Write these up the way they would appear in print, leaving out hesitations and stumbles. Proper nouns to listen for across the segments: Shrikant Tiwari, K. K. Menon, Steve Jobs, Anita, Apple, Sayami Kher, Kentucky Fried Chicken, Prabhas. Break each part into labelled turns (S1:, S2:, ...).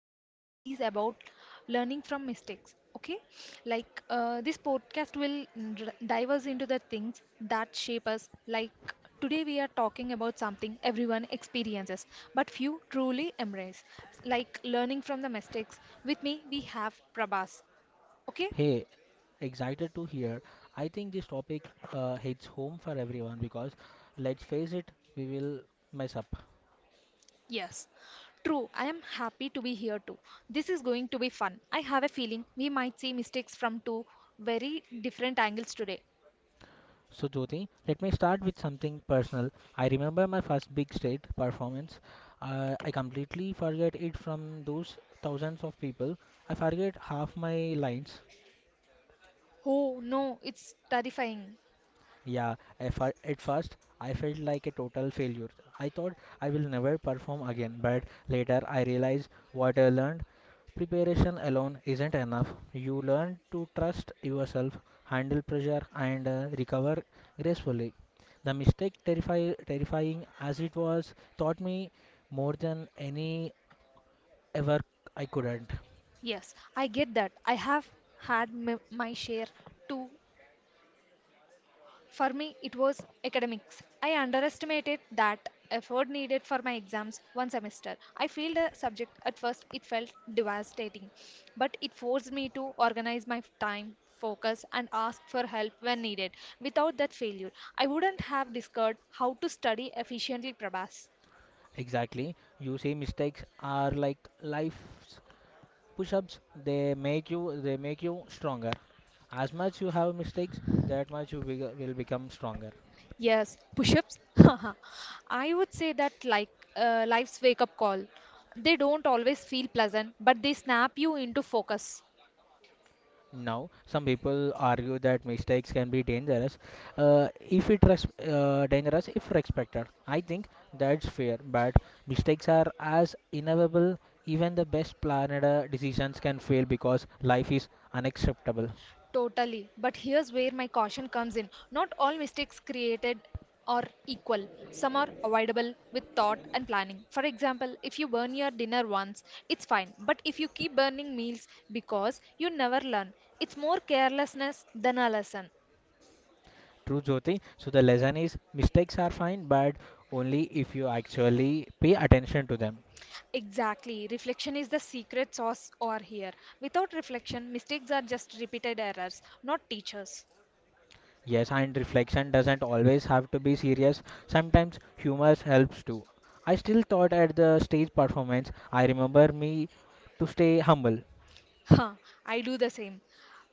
S1: podcast is about learning from mistakes. Okay, this podcast will dive us into the things that shape us. Like today, we are talking about something everyone experiences, but few truly embrace, like learning from the mistakes. With me, we have Prabhas. Okay,
S2: Hey, excited to hear. I think this topic hits home for everyone because let's face it, we will mess up.
S1: yes. True, I am happy to be here too. This is going to be fun. I have a feeling we might see mistakes from two very different angles today.
S2: So, Jyoti, let me start with something personal. I remember my first big stage performance. I completely forget it from those thousands of people. I forget half my lines.
S1: Oh no, it's terrifying.
S2: Yeah, at first I felt like a total failure. I thought I will never perform again, but later I realized what I learned. Preparation alone isn't enough. You learn to trust yourself, handle pressure, and recover gracefully. The mistake, terrifying as it was, taught me more than any ever I couldn't.
S1: Yes, I get that. I have had my share too. For me, it was academics. I underestimated that effort needed for my exams one semester. I failed a subject at first, it felt devastating, but it forced me to organize my time, focus, and ask for help when needed. Without that failure, I wouldn't have discovered how to study efficiently, Prabhas.
S2: Exactly. You see, mistakes are like life push-ups, they make you stronger. As much you have mistakes, that much you will become stronger.
S1: Yes, push-ups. I would say that life's wake-up call. They don't always feel pleasant, but they snap you into focus.
S2: Now some people argue that mistakes can be dangerous, if it res- dangerous if respected. I think that's fair, but mistakes are as inevitable. Even the best planned decisions can fail because life is unacceptable.
S1: Totally. But here's where my caution comes in. Not all mistakes created are equal. Some are avoidable with thought and planning. For example, if you burn your dinner once, it's fine. But if you keep burning meals because you never learn, it's more carelessness than a lesson.
S2: True, Jyoti. So the lesson is mistakes are fine, but only if you actually pay attention to them.
S1: Exactly. Reflection is the secret sauce or here. Without reflection, mistakes are just repeated errors, not teachers.
S2: Yes, and reflection doesn't always have to be serious. Sometimes humor helps too. I still thought at the stage performance, I remember me to stay humble.
S1: Huh, I do the same.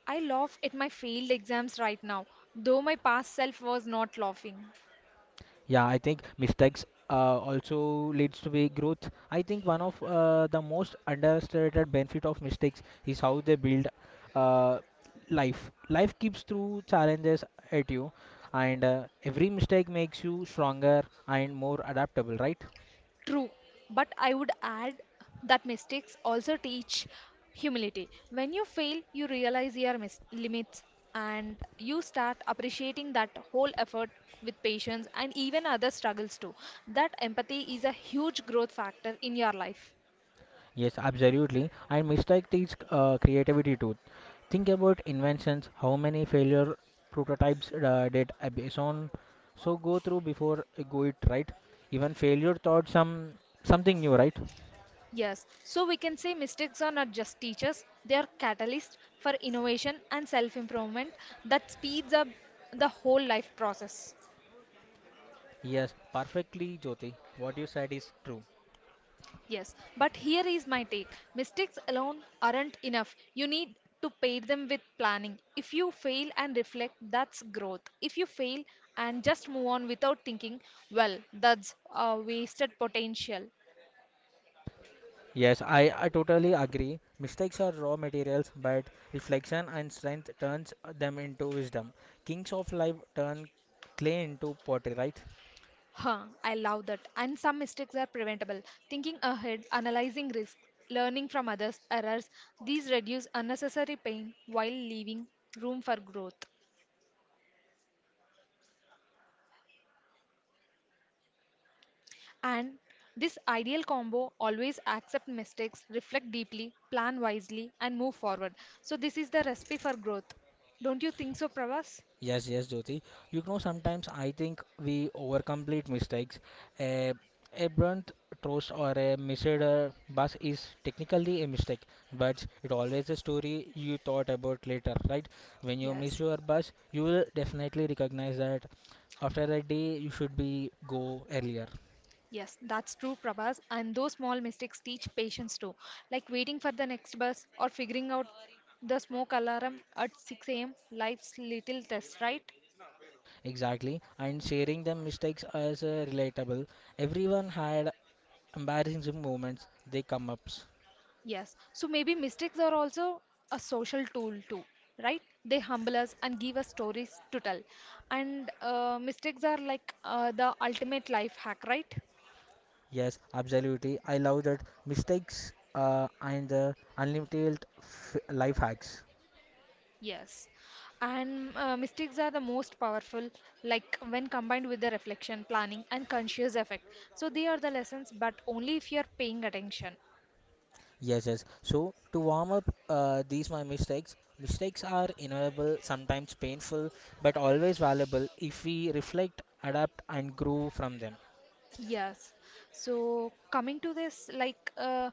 S1: I laugh at my failed exams right now, though my past self was not laughing.
S2: Yeah, I think mistakes also leads to be growth. I think one of the most understated benefit of mistakes is how they build uh, life. Life keeps through challenges at you, and every mistake makes you stronger and more adaptable, right?
S1: True, but I would add that mistakes also teach humility. When you fail, you realize your limits and you start appreciating that whole effort with patience and even other struggles too. That empathy is a huge growth factor in your life.
S2: Yes, absolutely. And mistake teach creativity too. Think about inventions, how many failure prototypes did Abeson so go through before go it right. Even failure taught some something new, right?
S1: Yes, so we can say mistakes are not just teachers, they are catalysts for innovation and self improvement that speeds up the whole life process.
S2: Yes, perfectly, Jyoti. What you said is true.
S1: Yes, but here is my take. Mistakes alone aren't enough. You need to pair them with planning. If you fail and reflect, that's growth. If you fail and just move on without thinking, well, that's a wasted potential.
S2: Yes, I totally agree. Mistakes are raw materials, but reflection and strength turns them into wisdom. Kings of life turn clay into pottery, right?
S1: Huh, I love that. And some mistakes are preventable. Thinking ahead, analyzing risk, learning from others' errors, these reduce unnecessary pain while leaving room for growth. And this ideal combo always accept mistakes, reflect deeply, plan wisely, and move forward. So, this is the recipe for growth. Don't you think so, Pravas?
S2: Yes, yes, Jyoti. You know, sometimes I think we overcomplete mistakes. A, a burnt toast or a missed bus is technically a mistake, but it always a story you thought about later, right? When you miss
S1: Yes.
S2: your bus, you will definitely recognize that after a day you should be go earlier.
S1: Yes, that's true, Prabhas. And those small mistakes teach patience too, like waiting for the next bus or figuring out the smoke alarm at 6 a.m. Life's little test, right?
S2: Exactly, and sharing the mistakes as relatable. Everyone had embarrassing moments, they come ups.
S1: Yes, so maybe mistakes are also a social tool too, right? They humble us and give us stories to tell. And mistakes are like the ultimate life hack, right?
S2: Yes, absolutely. I love that mistakes and the unlimited f life hacks.
S1: Yes. And mistakes are the most powerful, like when combined with the reflection, planning, and conscious effect. So they are the lessons, but only if you are paying attention.
S2: Yes, yes. So to warm up these my mistakes, mistakes are inevitable, sometimes painful, but always valuable if we reflect, adapt, and grow from them.
S1: Yes. So coming to this,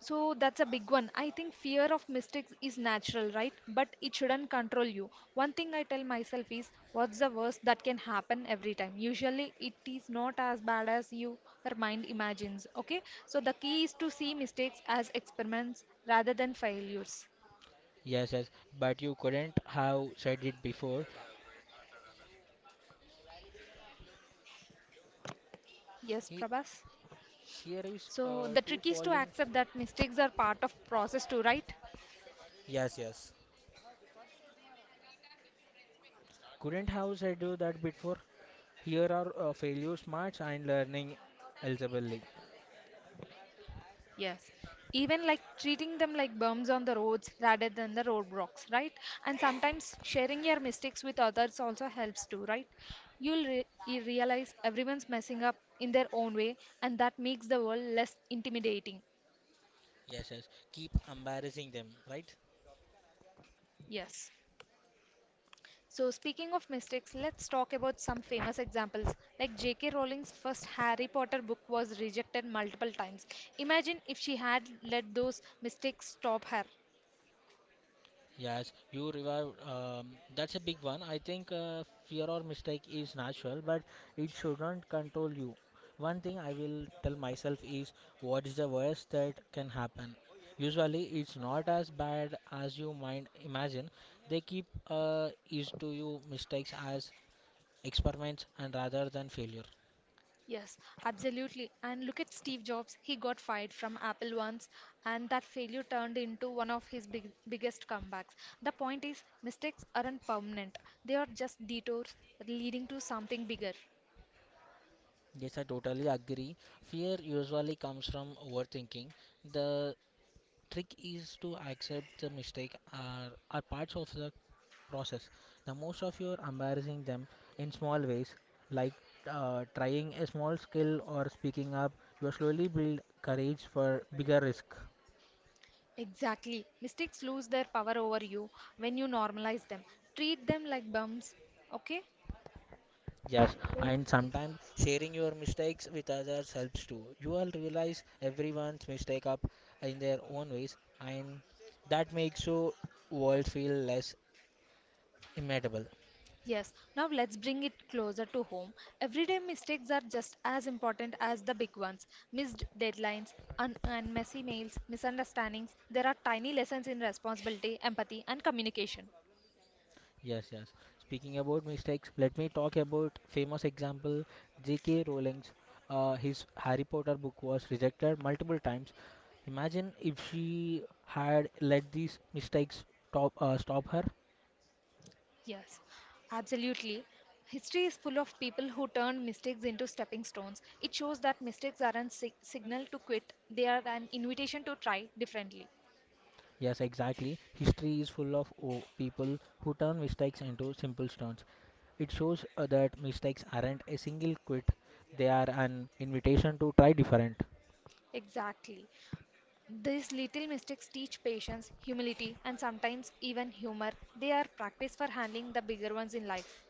S1: so that's a big one. I think fear of mistakes is natural, right? But it shouldn't control you. One thing I tell myself is, what's the worst that can happen every time? Usually it is not as bad as your mind imagines, okay? So the key is to see mistakes as experiments rather than failures.
S2: Yes, yes. But you couldn't have said it before.
S1: Yes,
S2: He,
S1: Prabhas.
S2: here is
S1: So the
S2: two
S1: trick is to
S2: falling.
S1: accept that mistakes are part of process too, right?
S2: Yes, yes. Couldn't have said you that before. Here are failure smarts and learning elsewhere.
S1: Yes. Even like treating them like bums on the roads rather than the roadblocks, right? And sometimes sharing your mistakes with others also helps too, right? You realize everyone's messing up in their own way, and that makes the world less intimidating.
S2: Yes, yes. Keep embarrassing them, right?
S1: Yes. So, speaking of mistakes, let's talk about some famous examples. Like J.K. Rowling's first Harry Potter book was rejected multiple times. Imagine if she had let those mistakes stop her.
S2: Yes, you revived. That's a big one. I think fear or mistake is natural, but it shouldn't control you. One thing I will tell myself is what is the worst that can happen? Usually, it's not as bad as you might imagine. They keep is to you mistakes as experiments and rather than failure.
S1: Yes, absolutely. And look at Steve Jobs. He got fired from Apple once, and that failure turned into one of his biggest comebacks. The point is, mistakes aren't permanent, they are just detours leading to something bigger.
S2: Yes, I totally agree. Fear usually comes from overthinking. The trick is to accept the mistake are parts of the process. The most of you are embarrassing them in small ways, like trying a small skill or speaking up. You slowly build courage for bigger risk.
S1: Exactly. Mistakes lose their power over you when you normalize them. Treat them like bumps, okay?
S2: Yes, and sometimes sharing your mistakes with others helps too. You will realize everyone's mistake up in their own ways, and that makes your world feel less immutable.
S1: Yes, now let's bring it closer to home. Everyday mistakes are just as important as the big ones. Missed deadlines, and messy mails, misunderstandings. There are tiny lessons in responsibility, empathy, and communication.
S2: Yes, yes. Speaking about mistakes, let me talk about famous example J.K. Rowling's. His Harry Potter book was rejected multiple times. Imagine if she had let these mistakes stop her.
S1: Yes, absolutely. History is full of people who turned mistakes into stepping stones. It shows that mistakes aren't signal to quit, they are an invitation to try differently.
S2: Yes, exactly. History is full of people who turn mistakes into simple stones. It shows that mistakes aren't a single quit; they are an invitation to try different.
S1: Exactly. These little mistakes teach patience, humility, and sometimes even humor. They are practice for handling the bigger ones in life.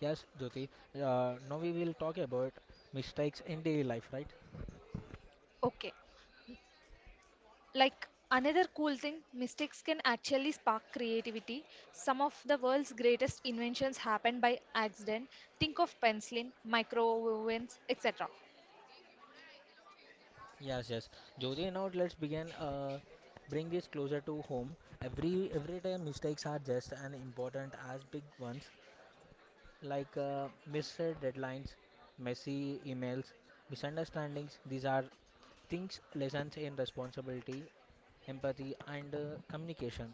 S2: Yes, Jyoti. Now we will talk about mistakes in daily life, right?
S1: Okay, like another cool thing, mistakes can actually spark creativity. Some of the world's greatest inventions happened by accident. Think of penicillin, microovens, etc.
S2: Yes, yes. Joji, now let's begin. Bring this closer to home. Everyday mistakes are just as important as big ones, like missed deadlines, messy emails, misunderstandings. These are things, lessons in responsibility, empathy, and communication.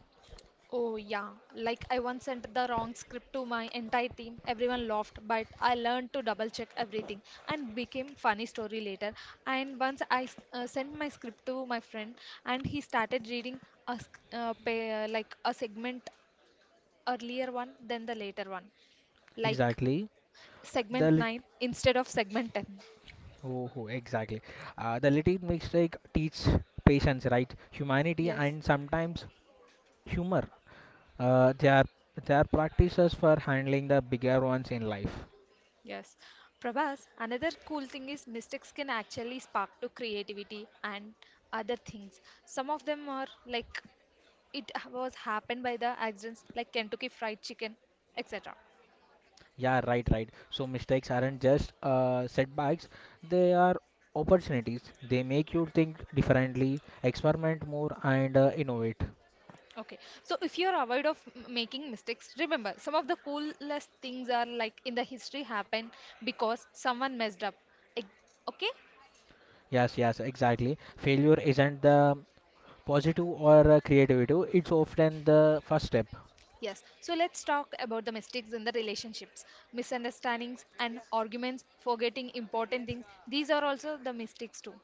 S1: Oh, yeah. Like, I once sent the wrong script to my entire team. Everyone laughed, but I learned to double check everything and became funny story later. And once I sent my script to my friend, and he started reading a like a segment earlier one than the later one, like
S2: Exactly. The
S1: segment
S2: lit-
S1: 9 instead of segment 10.
S2: oh, oh, Exactly. The little mistake teach patience, right? Humanity
S1: Yes,
S2: and sometimes humor. Uh, they are they are practices for handling the bigger ones in life.
S1: yes. Prabhas, another cool thing is mistakes can actually spark to creativity and other things. Some of them are like was happened by the accidents like Kentucky Fried Chicken, etc.
S2: Yeah, right. So mistakes aren't just setbacks; they are opportunities. They make you think differently, experiment more, and innovate.
S1: Okay, so if you're avoid of making mistakes, remember some of the coolest things are like in the history happen because someone messed up. Eg- okay,
S2: Yes, yes, exactly. Failure isn't the positive or creative; it's often the first step.
S1: yes. So let's talk about the mistakes in the relationships, misunderstandings and arguments, forgetting important things. These are also the mistakes too.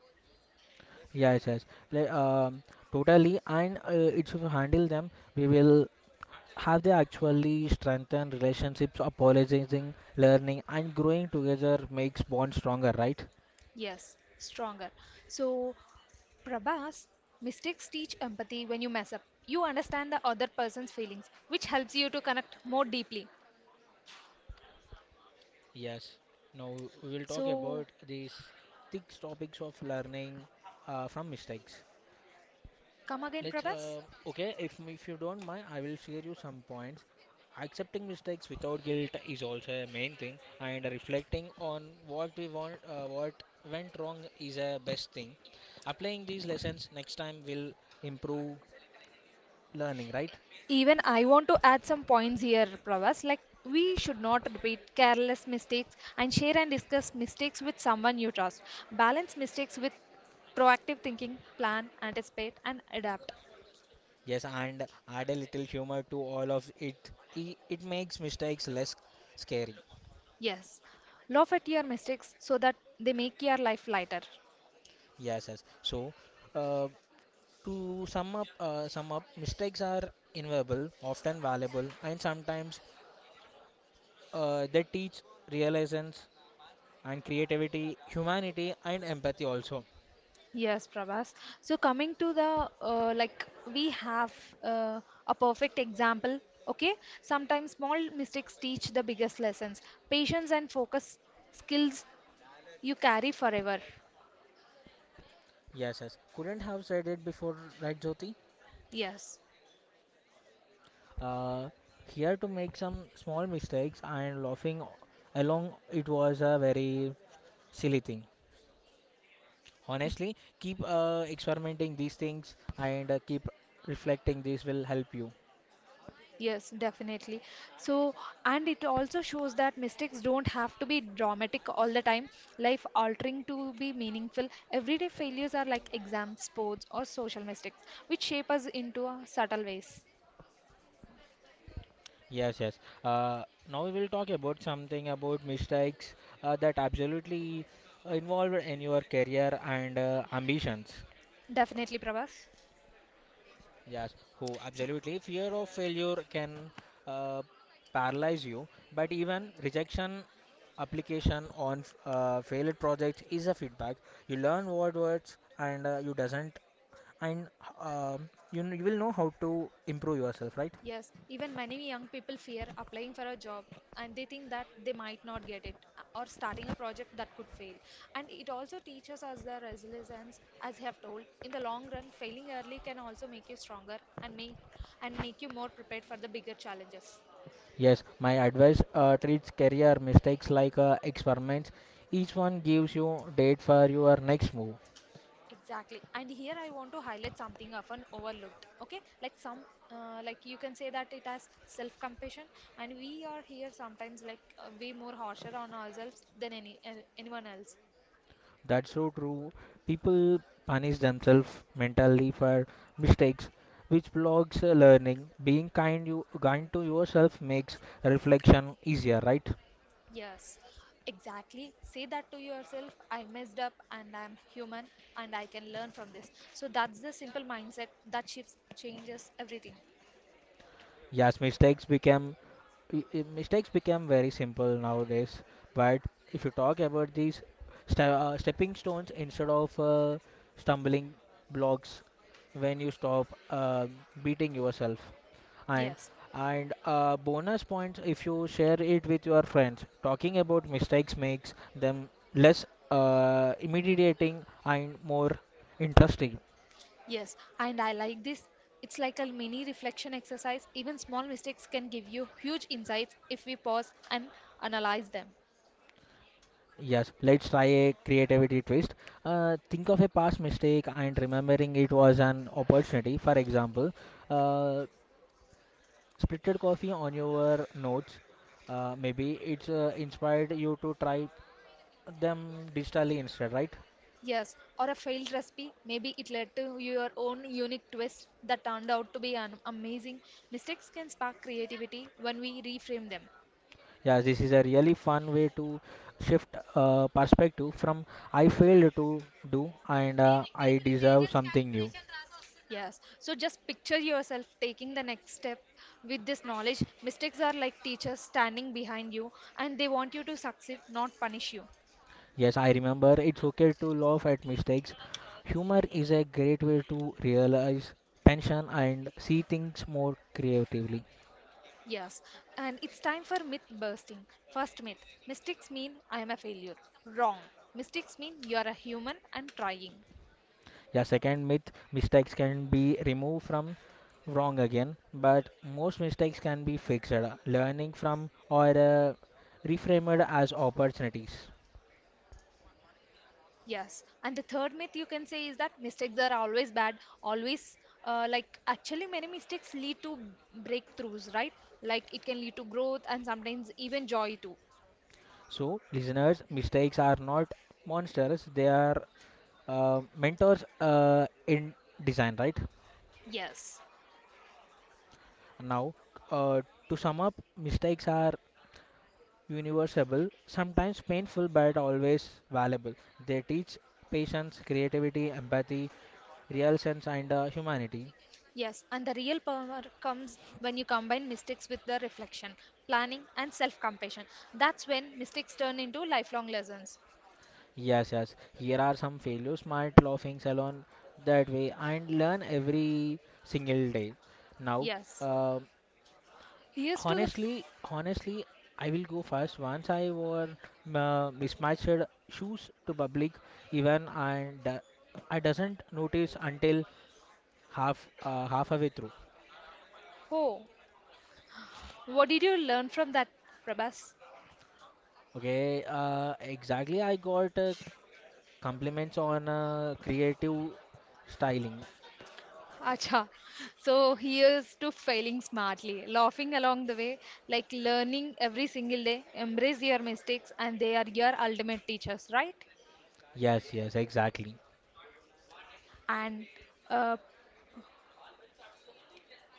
S2: Yes, yes. Le- um, Totally, and if you handle them, we will have they actually strengthened relationships, apologizing, learning, and growing together makes bonds stronger, right?
S1: Yes, stronger. So Prabhas, mistakes teach empathy when you mess up. You understand the other person's feelings, which helps you to connect more deeply.
S2: Yes. Now we will talk
S1: So,
S2: about these six topics of learning from mistakes.
S1: come again,
S2: Let's
S1: Prabhas.
S2: Okay. If you don't mind, I will share you some points. Accepting mistakes without guilt is also a main thing, and reflecting on what we want, what went wrong is a best thing. Applying these lessons next time will improve learning, right?
S1: Even I want to add some points here, Prabhas. Like, we should not repeat careless mistakes and share and discuss mistakes with someone you trust. Balance mistakes with proactive thinking, plan, anticipate, and adapt.
S2: Yes, and add a little humor to all of it. I- It makes mistakes less scary.
S1: Yes, laugh at your mistakes so that they make your life lighter.
S2: Yes, yes. So, uh, to sum up, mistakes are inevitable, often valuable, and sometimes they teach realizations and creativity, humanity, and empathy also.
S1: Yes, Prabhas. So coming to the like we have uh, a perfect example. Okay, sometimes small mistakes teach the biggest lessons. Patience and focus skills you carry forever.
S2: Yes, yes. Couldn't have said it before, right, Jyoti?
S1: Yes,
S2: Uh, here to make some small mistakes and laughing along. It was a very silly thing. Honestly, keep experimenting these things and keep reflecting. This will help you.
S1: yes, definitely. So and it also shows that mistakes don't have to be dramatic all the time. Life altering to be meaningful. Everyday failures are like exams, sports, or social mistakes, which shape us into subtle ways.
S2: Yes, yes. Uh, now we will talk about something about mistakes that absolutely involved in your career and ambitions.
S1: Definitely, Prabhas.
S2: Yes, who
S1: So
S2: absolutely fear of failure can uh, paralyze you, but even rejection application on failed projects is a feedback. You learn what works and you doesn't and you will know how to improve yourself, right?
S1: yes, even many young people fear applying for a job and they think that they might not get it or starting a project that could fail. And it also teaches us the resilience, as I have told. In the long run, failing early can also make you stronger and make you more prepared for the bigger challenges.
S2: Yes, my advice treats career mistakes like experiments. Each one gives you date for your next move.
S1: Exactly. And here I want to highlight something often overlooked. Okay, like you can say that it has self compassion, and we are here sometimes way more harsher on ourselves than anyone else.
S2: That's so true. People punish themselves mentally for mistakes, which blocks learning. Being kind, you kind to yourself makes reflection easier, right?
S1: Yes, exactly. Say that to yourself I messed up and I'm human and I can learn from this. So that's the simple mindset that changes everything.
S2: Yes, mistakes became very simple nowadays. But if you talk about these stepping stones instead of stumbling blocks, when you stop beating yourself, and
S1: Yes,
S2: and bonus points if you share it with your friends. Talking about mistakes makes them less intimidating and more interesting.
S1: yes. And I like this. It's like a mini reflection exercise. Even small mistakes can give you huge insights if we pause and analyze them.
S2: Yes, let's try a creativity twist. Think of a past mistake and remembering it was an opportunity. For example, uh, splitted coffee on your notes. Maybe it's inspired you to try them digitally instead, right?
S1: Yes, or a failed recipe. Maybe it led to your own unique twist that turned out to be an amazing. Mistakes can spark creativity when we reframe them.
S2: Yeah, this is a really fun way to shift perspective from I failed to do and I deserve something new.
S1: Yes. So just picture yourself taking the next step with this knowledge. Mistakes are like teachers standing behind you and they want you to succeed, not punish you.
S2: Yes, I remember. It's okay to laugh at mistakes. Humor is a great way to realize tension and see things more creatively.
S1: Yes. And it's time for myth bursting. First myth mistakes mean I am a failure. Wrong. Mistakes mean you are a human and trying.
S2: Yeah, second myth, mistakes can be removed from wrong again, but most mistakes can be fixed, learning from or reframed as opportunities.
S1: Yes. And the third myth you can say is that mistakes are always bad, always like actually many mistakes lead to breakthroughs, right? Like it can lead to growth and sometimes even joy too.
S2: So, listeners, mistakes are not monsters, they are mentors in design, right?
S1: Yes.
S2: Now, uh, to sum up, mistakes are universal, sometimes painful, but always valuable. They teach patience, creativity, empathy, real sense, and humanity.
S1: Yes, and the real power comes when you combine mistakes with the reflection, planning, and self compassion. That's when mistakes turn into lifelong lessons.
S2: Yes, yes. Here are some failures, smart laughing salon that way, and learn every single day. Now,
S1: Yes.
S2: uh,
S1: Here's to the. F-
S2: honestly, I will go first. Once I wore mismatched shoes to public even and I doesn't notice until halfway through.
S1: oh, what did you learn from that, Prabhas?
S2: Okay, exactly. I got compliments on creative styling.
S1: Acha. So here's to failing smartly, laughing along the way, like learning every single day. Embrace your mistakes, and they are your ultimate teachers, right?
S2: Yes, yes, exactly.
S1: And uh,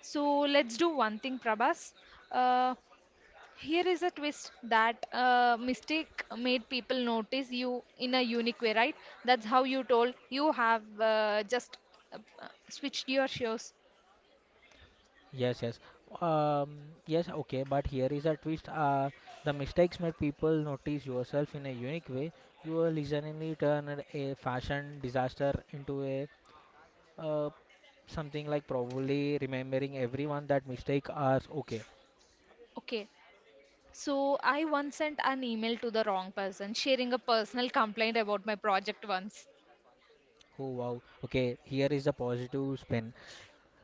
S1: so let's do one thing, Prabhas. Uh, Here is a twist that mistake made people notice you in a unique way, right? That's how you told you have just switched your shows.
S2: Yes, yes. Um, yes, okay, but here is a twist. The mistakes made people notice yourself in a unique way. You will suddenly turn a fashion disaster into a uh, something like probably remembering everyone that mistake are okay.
S1: Okay. So I once sent an email to the wrong person, sharing a personal complaint about my project once.
S2: Oh wow. Okay, here is a positive spin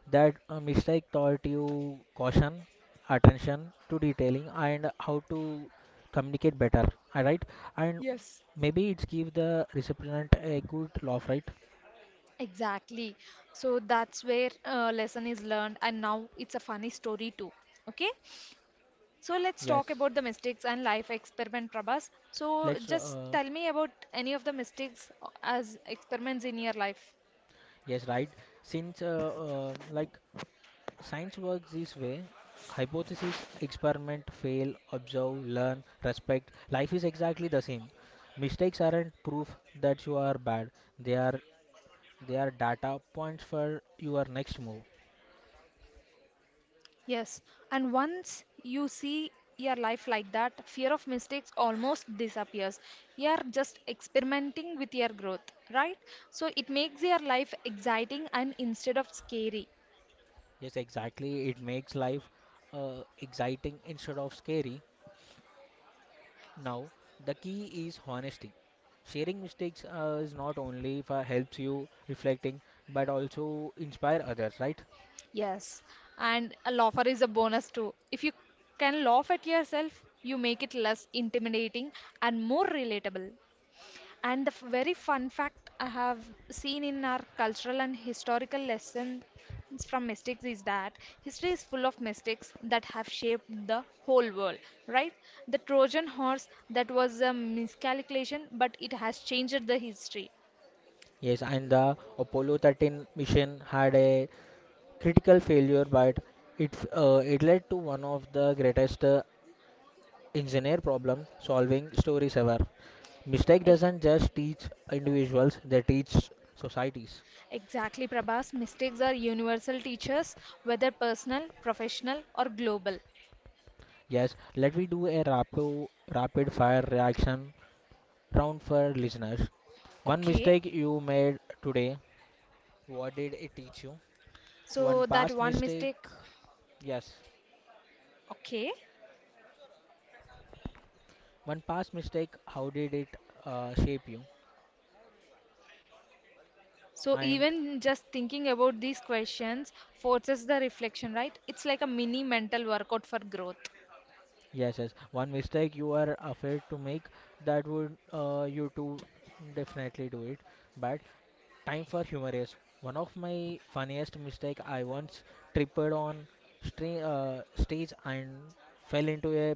S2: that mistake taught you caution, attention to detailing, and how to communicate better. All right, and
S1: Yes.
S2: maybe it's give the recipient a good laugh, right?
S1: Exactly. So that's where lesson is learned, and now it's a funny story too. Okay. So let's
S2: Yes,
S1: talk about the mistakes and life experiment, Prabhas. So
S2: let's.
S1: just tell me about any of the mistakes as experiments in your life.
S2: Yes, right. Since like science works this way, hypothesis, experiment, fail, observe, learn, respect. Life is exactly the same. Mistakes aren't proof that you are bad. They are they are data points for your next move.
S1: Yes, and once you see your life like that, fear of mistakes almost disappears. You are just experimenting with your growth, right? So it makes your life exciting and instead of scary.
S2: Yes, exactly. It makes life exciting instead of scary. Now, the key is honesty. Sharing mistakes is not only for helps you reflecting, but also inspire others, right?
S1: Yes, and a laugher is a bonus too. If you can laugh at yourself, you make it less intimidating and more relatable. And the very fun fact I have seen in our cultural and historical lessons from mistakes is that history is full of mistakes that have shaped the whole world, right? The Trojan horse that was a miscalculation, but it has changed the history.
S2: Yes, and the Apollo 13 mission had a critical failure, but it led to one of the greatest engineer problem solving stories ever. Mistake
S1: Eh,
S2: doesn't just teach individuals; they teach societies.
S1: exactly, Prabhas. Mistakes are universal teachers, whether personal, professional, or global.
S2: Yes, let me do a rapid fire reaction round for listeners. One
S1: Okay,
S2: mistake you made today, what did it teach you? One
S1: so that
S2: past
S1: one
S2: mistake,
S1: mistake.
S2: yes.
S1: Okay.
S2: One past mistake, how did it shape you?
S1: So
S2: And
S1: even just thinking about these questions forces the reflection, right? It's like a mini mental workout for growth.
S2: yes, yes. One mistake you are afraid to make that would you to definitely do it. But time for humorous. One of my funniest mistake I once tripped on stage and fell into a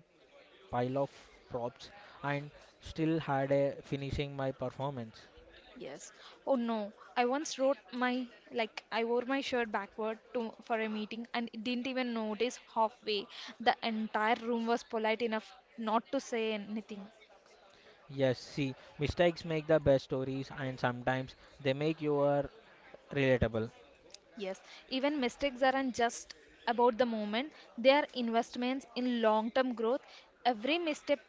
S2: pile of props and still had a finishing my performance.
S1: Yes. Oh no, I once wrote my like I wore my shirt backward to for a meeting and didn't even notice halfway. The entire room was polite enough not to say anything.
S2: Yes, see, mistakes make the best stories and sometimes they make you are relatable.
S1: Yes. Even mistakes aren't just about the moment, they are investments in long-term growth. Every misstep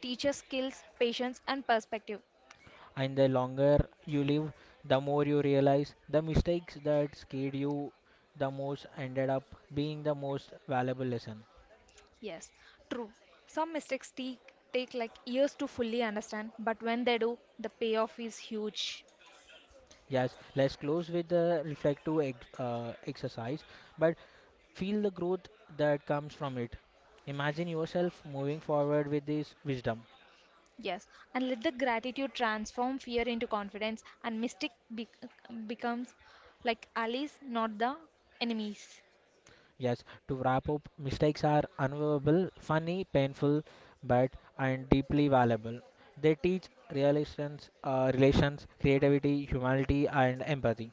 S1: teaches skills, patience and perspective.
S2: And the longer you live, the more you realize the mistakes that scared you the most ended up being the most valuable lesson.
S1: Yes, true. Some mistakes take like years to fully understand, but when they do, the payoff is huge.
S2: Yes, let's close with the reflective exercise, but feel the growth that comes from it. Imagine yourself moving forward with this wisdom.
S1: Yes, and let the gratitude transform fear into confidence, and mistake becomes like allies, not the enemies.
S2: Yes, to wrap up, mistakes are unavoidable, funny, painful, but and deeply valuable. They teach relations, relations, creativity, humanity, and empathy.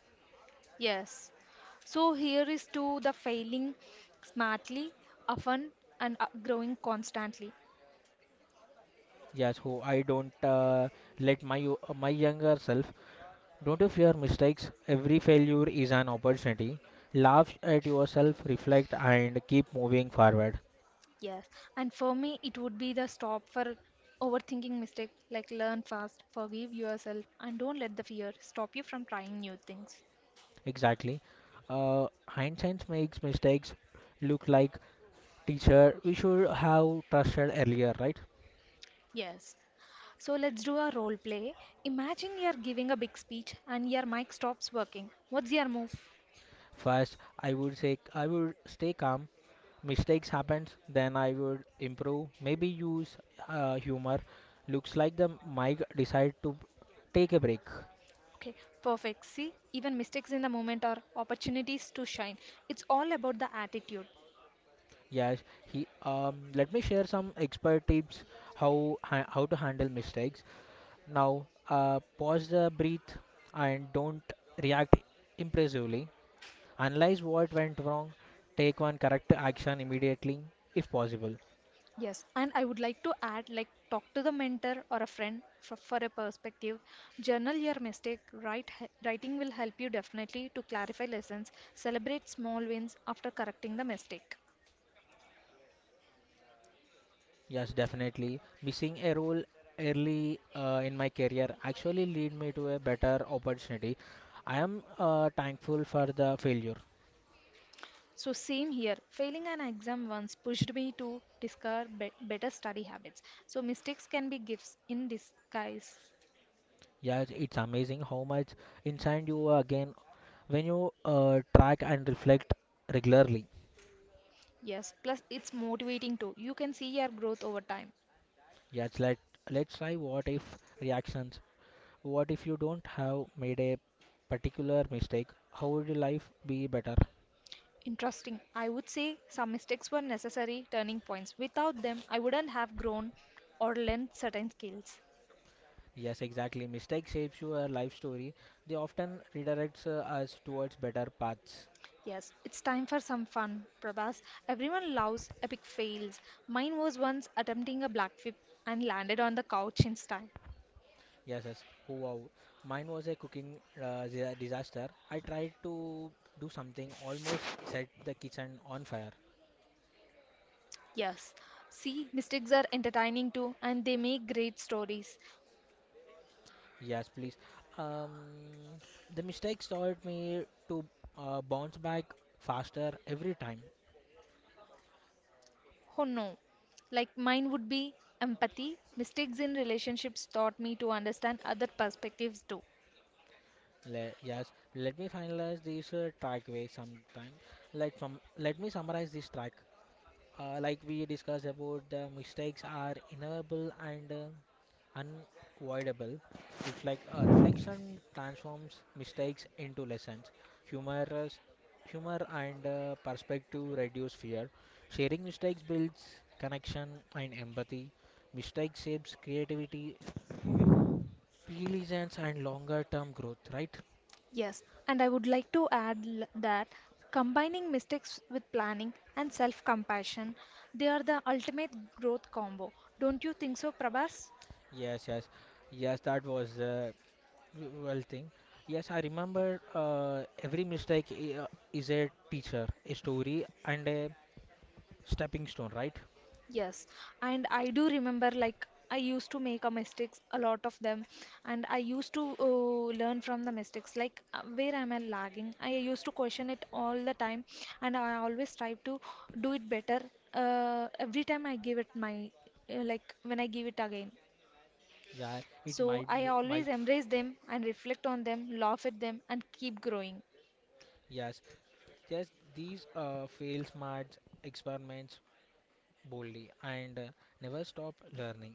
S1: Yes. So here is to the failing smartly, often, and growing constantly.
S2: Yes, who I don't let my my younger self. Don't you fear mistakes? Every failure is an opportunity. Laugh at yourself, reflect, and keep moving forward.
S1: Yes, and for me, it would be the stop for overthinking mistake. Like learn fast, forgive yourself, and don't let the fear stop you from trying new things.
S2: Exactly. Hindsight makes mistakes look like teacher, we should have trusted earlier, right?
S1: Yes. So let's do a role play. Imagine you're giving a big speech and your mic stops working. What's your move?
S2: First, I would say I would stay calm. Mistakes happen, then I would improve. Maybe use humor. Looks like the mic decide to take a break.
S1: Okay, perfect. See, even mistakes in the moment are opportunities to shine. It's all about the attitude.
S2: Yes, he. Let me share some expert tips how to handle mistakes. Now, pause the breath and don't react impulsively. Analyze what went wrong, take one correct action immediately if possible.
S1: Yes, and I would like to add like talk to the mentor or a friend for a perspective. Journal your mistake. Write, writing will help you definitely to clarify lessons. Celebrate small wins after correcting the mistake.
S2: Yes, definitely. Missing a role early in my career actually lead me to a better opportunity. I am thankful for the failure.
S1: So same here. Failing an exam once pushed me to discover better study habits. So mistakes can be gifts in disguise.
S2: Yes, it's amazing how much inside you are again when you track and reflect regularly.
S1: Yes, plus it's motivating too. You can see your growth over time.
S2: Yes, let's try what if reactions. What if you don't have made a particular mistake? How would your life be better?
S1: Interesting. I would say some mistakes were necessary turning points. Without them, I wouldn't have grown or learned certain skills.
S2: Yes, exactly. Mistake shapes your life story. They often redirects us towards better paths.
S1: Yes, it's time for some fun, Prabhas. Everyone loves epic fails. Mine was once attempting a black flip and landed on the couch in style.
S2: Yes, yes. Oh, wow. Mine was a cooking disaster. I tried to do something, almost set the kitchen on fire.
S1: Yes, see, mistakes are entertaining too and they make great stories.
S2: Yes, please. Um, the mistakes taught me to bounce back faster every time.
S1: Oh no, like mine would be empathy. Mistakes in relationships taught me to understand other perspectives too.
S2: Yes, let me finalize this track way sometime. Let me summarize this track. Like we discussed about the mistakes are inevitable and unavoidable. Reflect, reflection transforms mistakes into lessons. Humorous, humor and perspective reduce fear. Sharing mistakes builds connection and empathy. Mistake shapes creativity, resilience, and longer-term growth. Right?
S1: Yes, and I would like to add that combining mistakes with planning and self compassion, they are the ultimate growth combo. Don't you think so, Prabhas?
S2: Yes, yes, yes. That was well, thing. Yes, I remember every mistake is a teacher, a story, and a stepping stone, right?
S1: Yes, and I do remember like I used to make a mistakes, a lot of them, and I used to learn from the mistakes. Like where am I lagging? I used to question it all the time, and I always try to do it better. Every time I give it my like when I give it again.
S2: Yeah, it
S1: So
S2: might
S1: I
S2: m- might
S1: always
S2: f-
S1: embrace them and reflect on them, laugh at them, and keep growing.
S2: yes. Just these fail smart experiments boldly and never stop learning.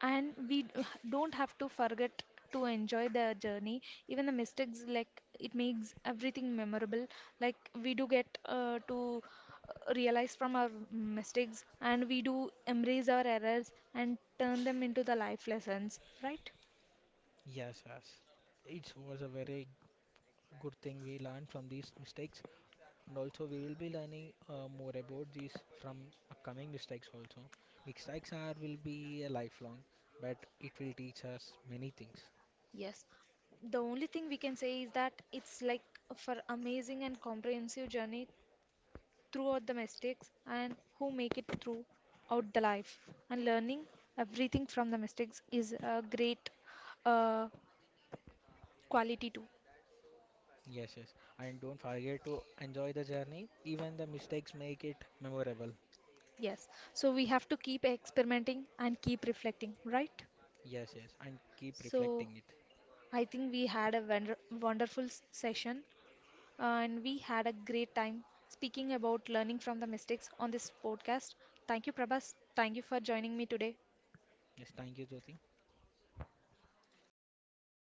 S1: And we d- don't have to forget to enjoy the journey, even the mistakes, like it makes everything memorable. Like we do get to realize from our mistakes, and we do embrace our errors and turn them into the life lessons, right?
S2: Yes, yes. It was a very good thing we learned from these mistakes. And also, we will be learning more about these from upcoming mistakes. Also, mistakes are will be a lifelong, but it will teach us many things.
S1: Yes, the only thing we can say is that it's like for amazing and comprehensive journey throughout the mistakes and who make it throughout the life. And learning everything from the mistakes is a great uh, quality too.
S2: Yes, yes. And don't forget to enjoy the journey. Even the mistakes make it memorable.
S1: Yes. So we have to keep experimenting and keep reflecting, right?
S2: Yes, yes. And keep
S1: So
S2: reflecting it.
S1: I think we had a wonderful session and we had a great time speaking about learning from the mistakes on this podcast. Thank you, Prabhas. Thank you for joining me today.
S2: Yes, thank you, Jyoti.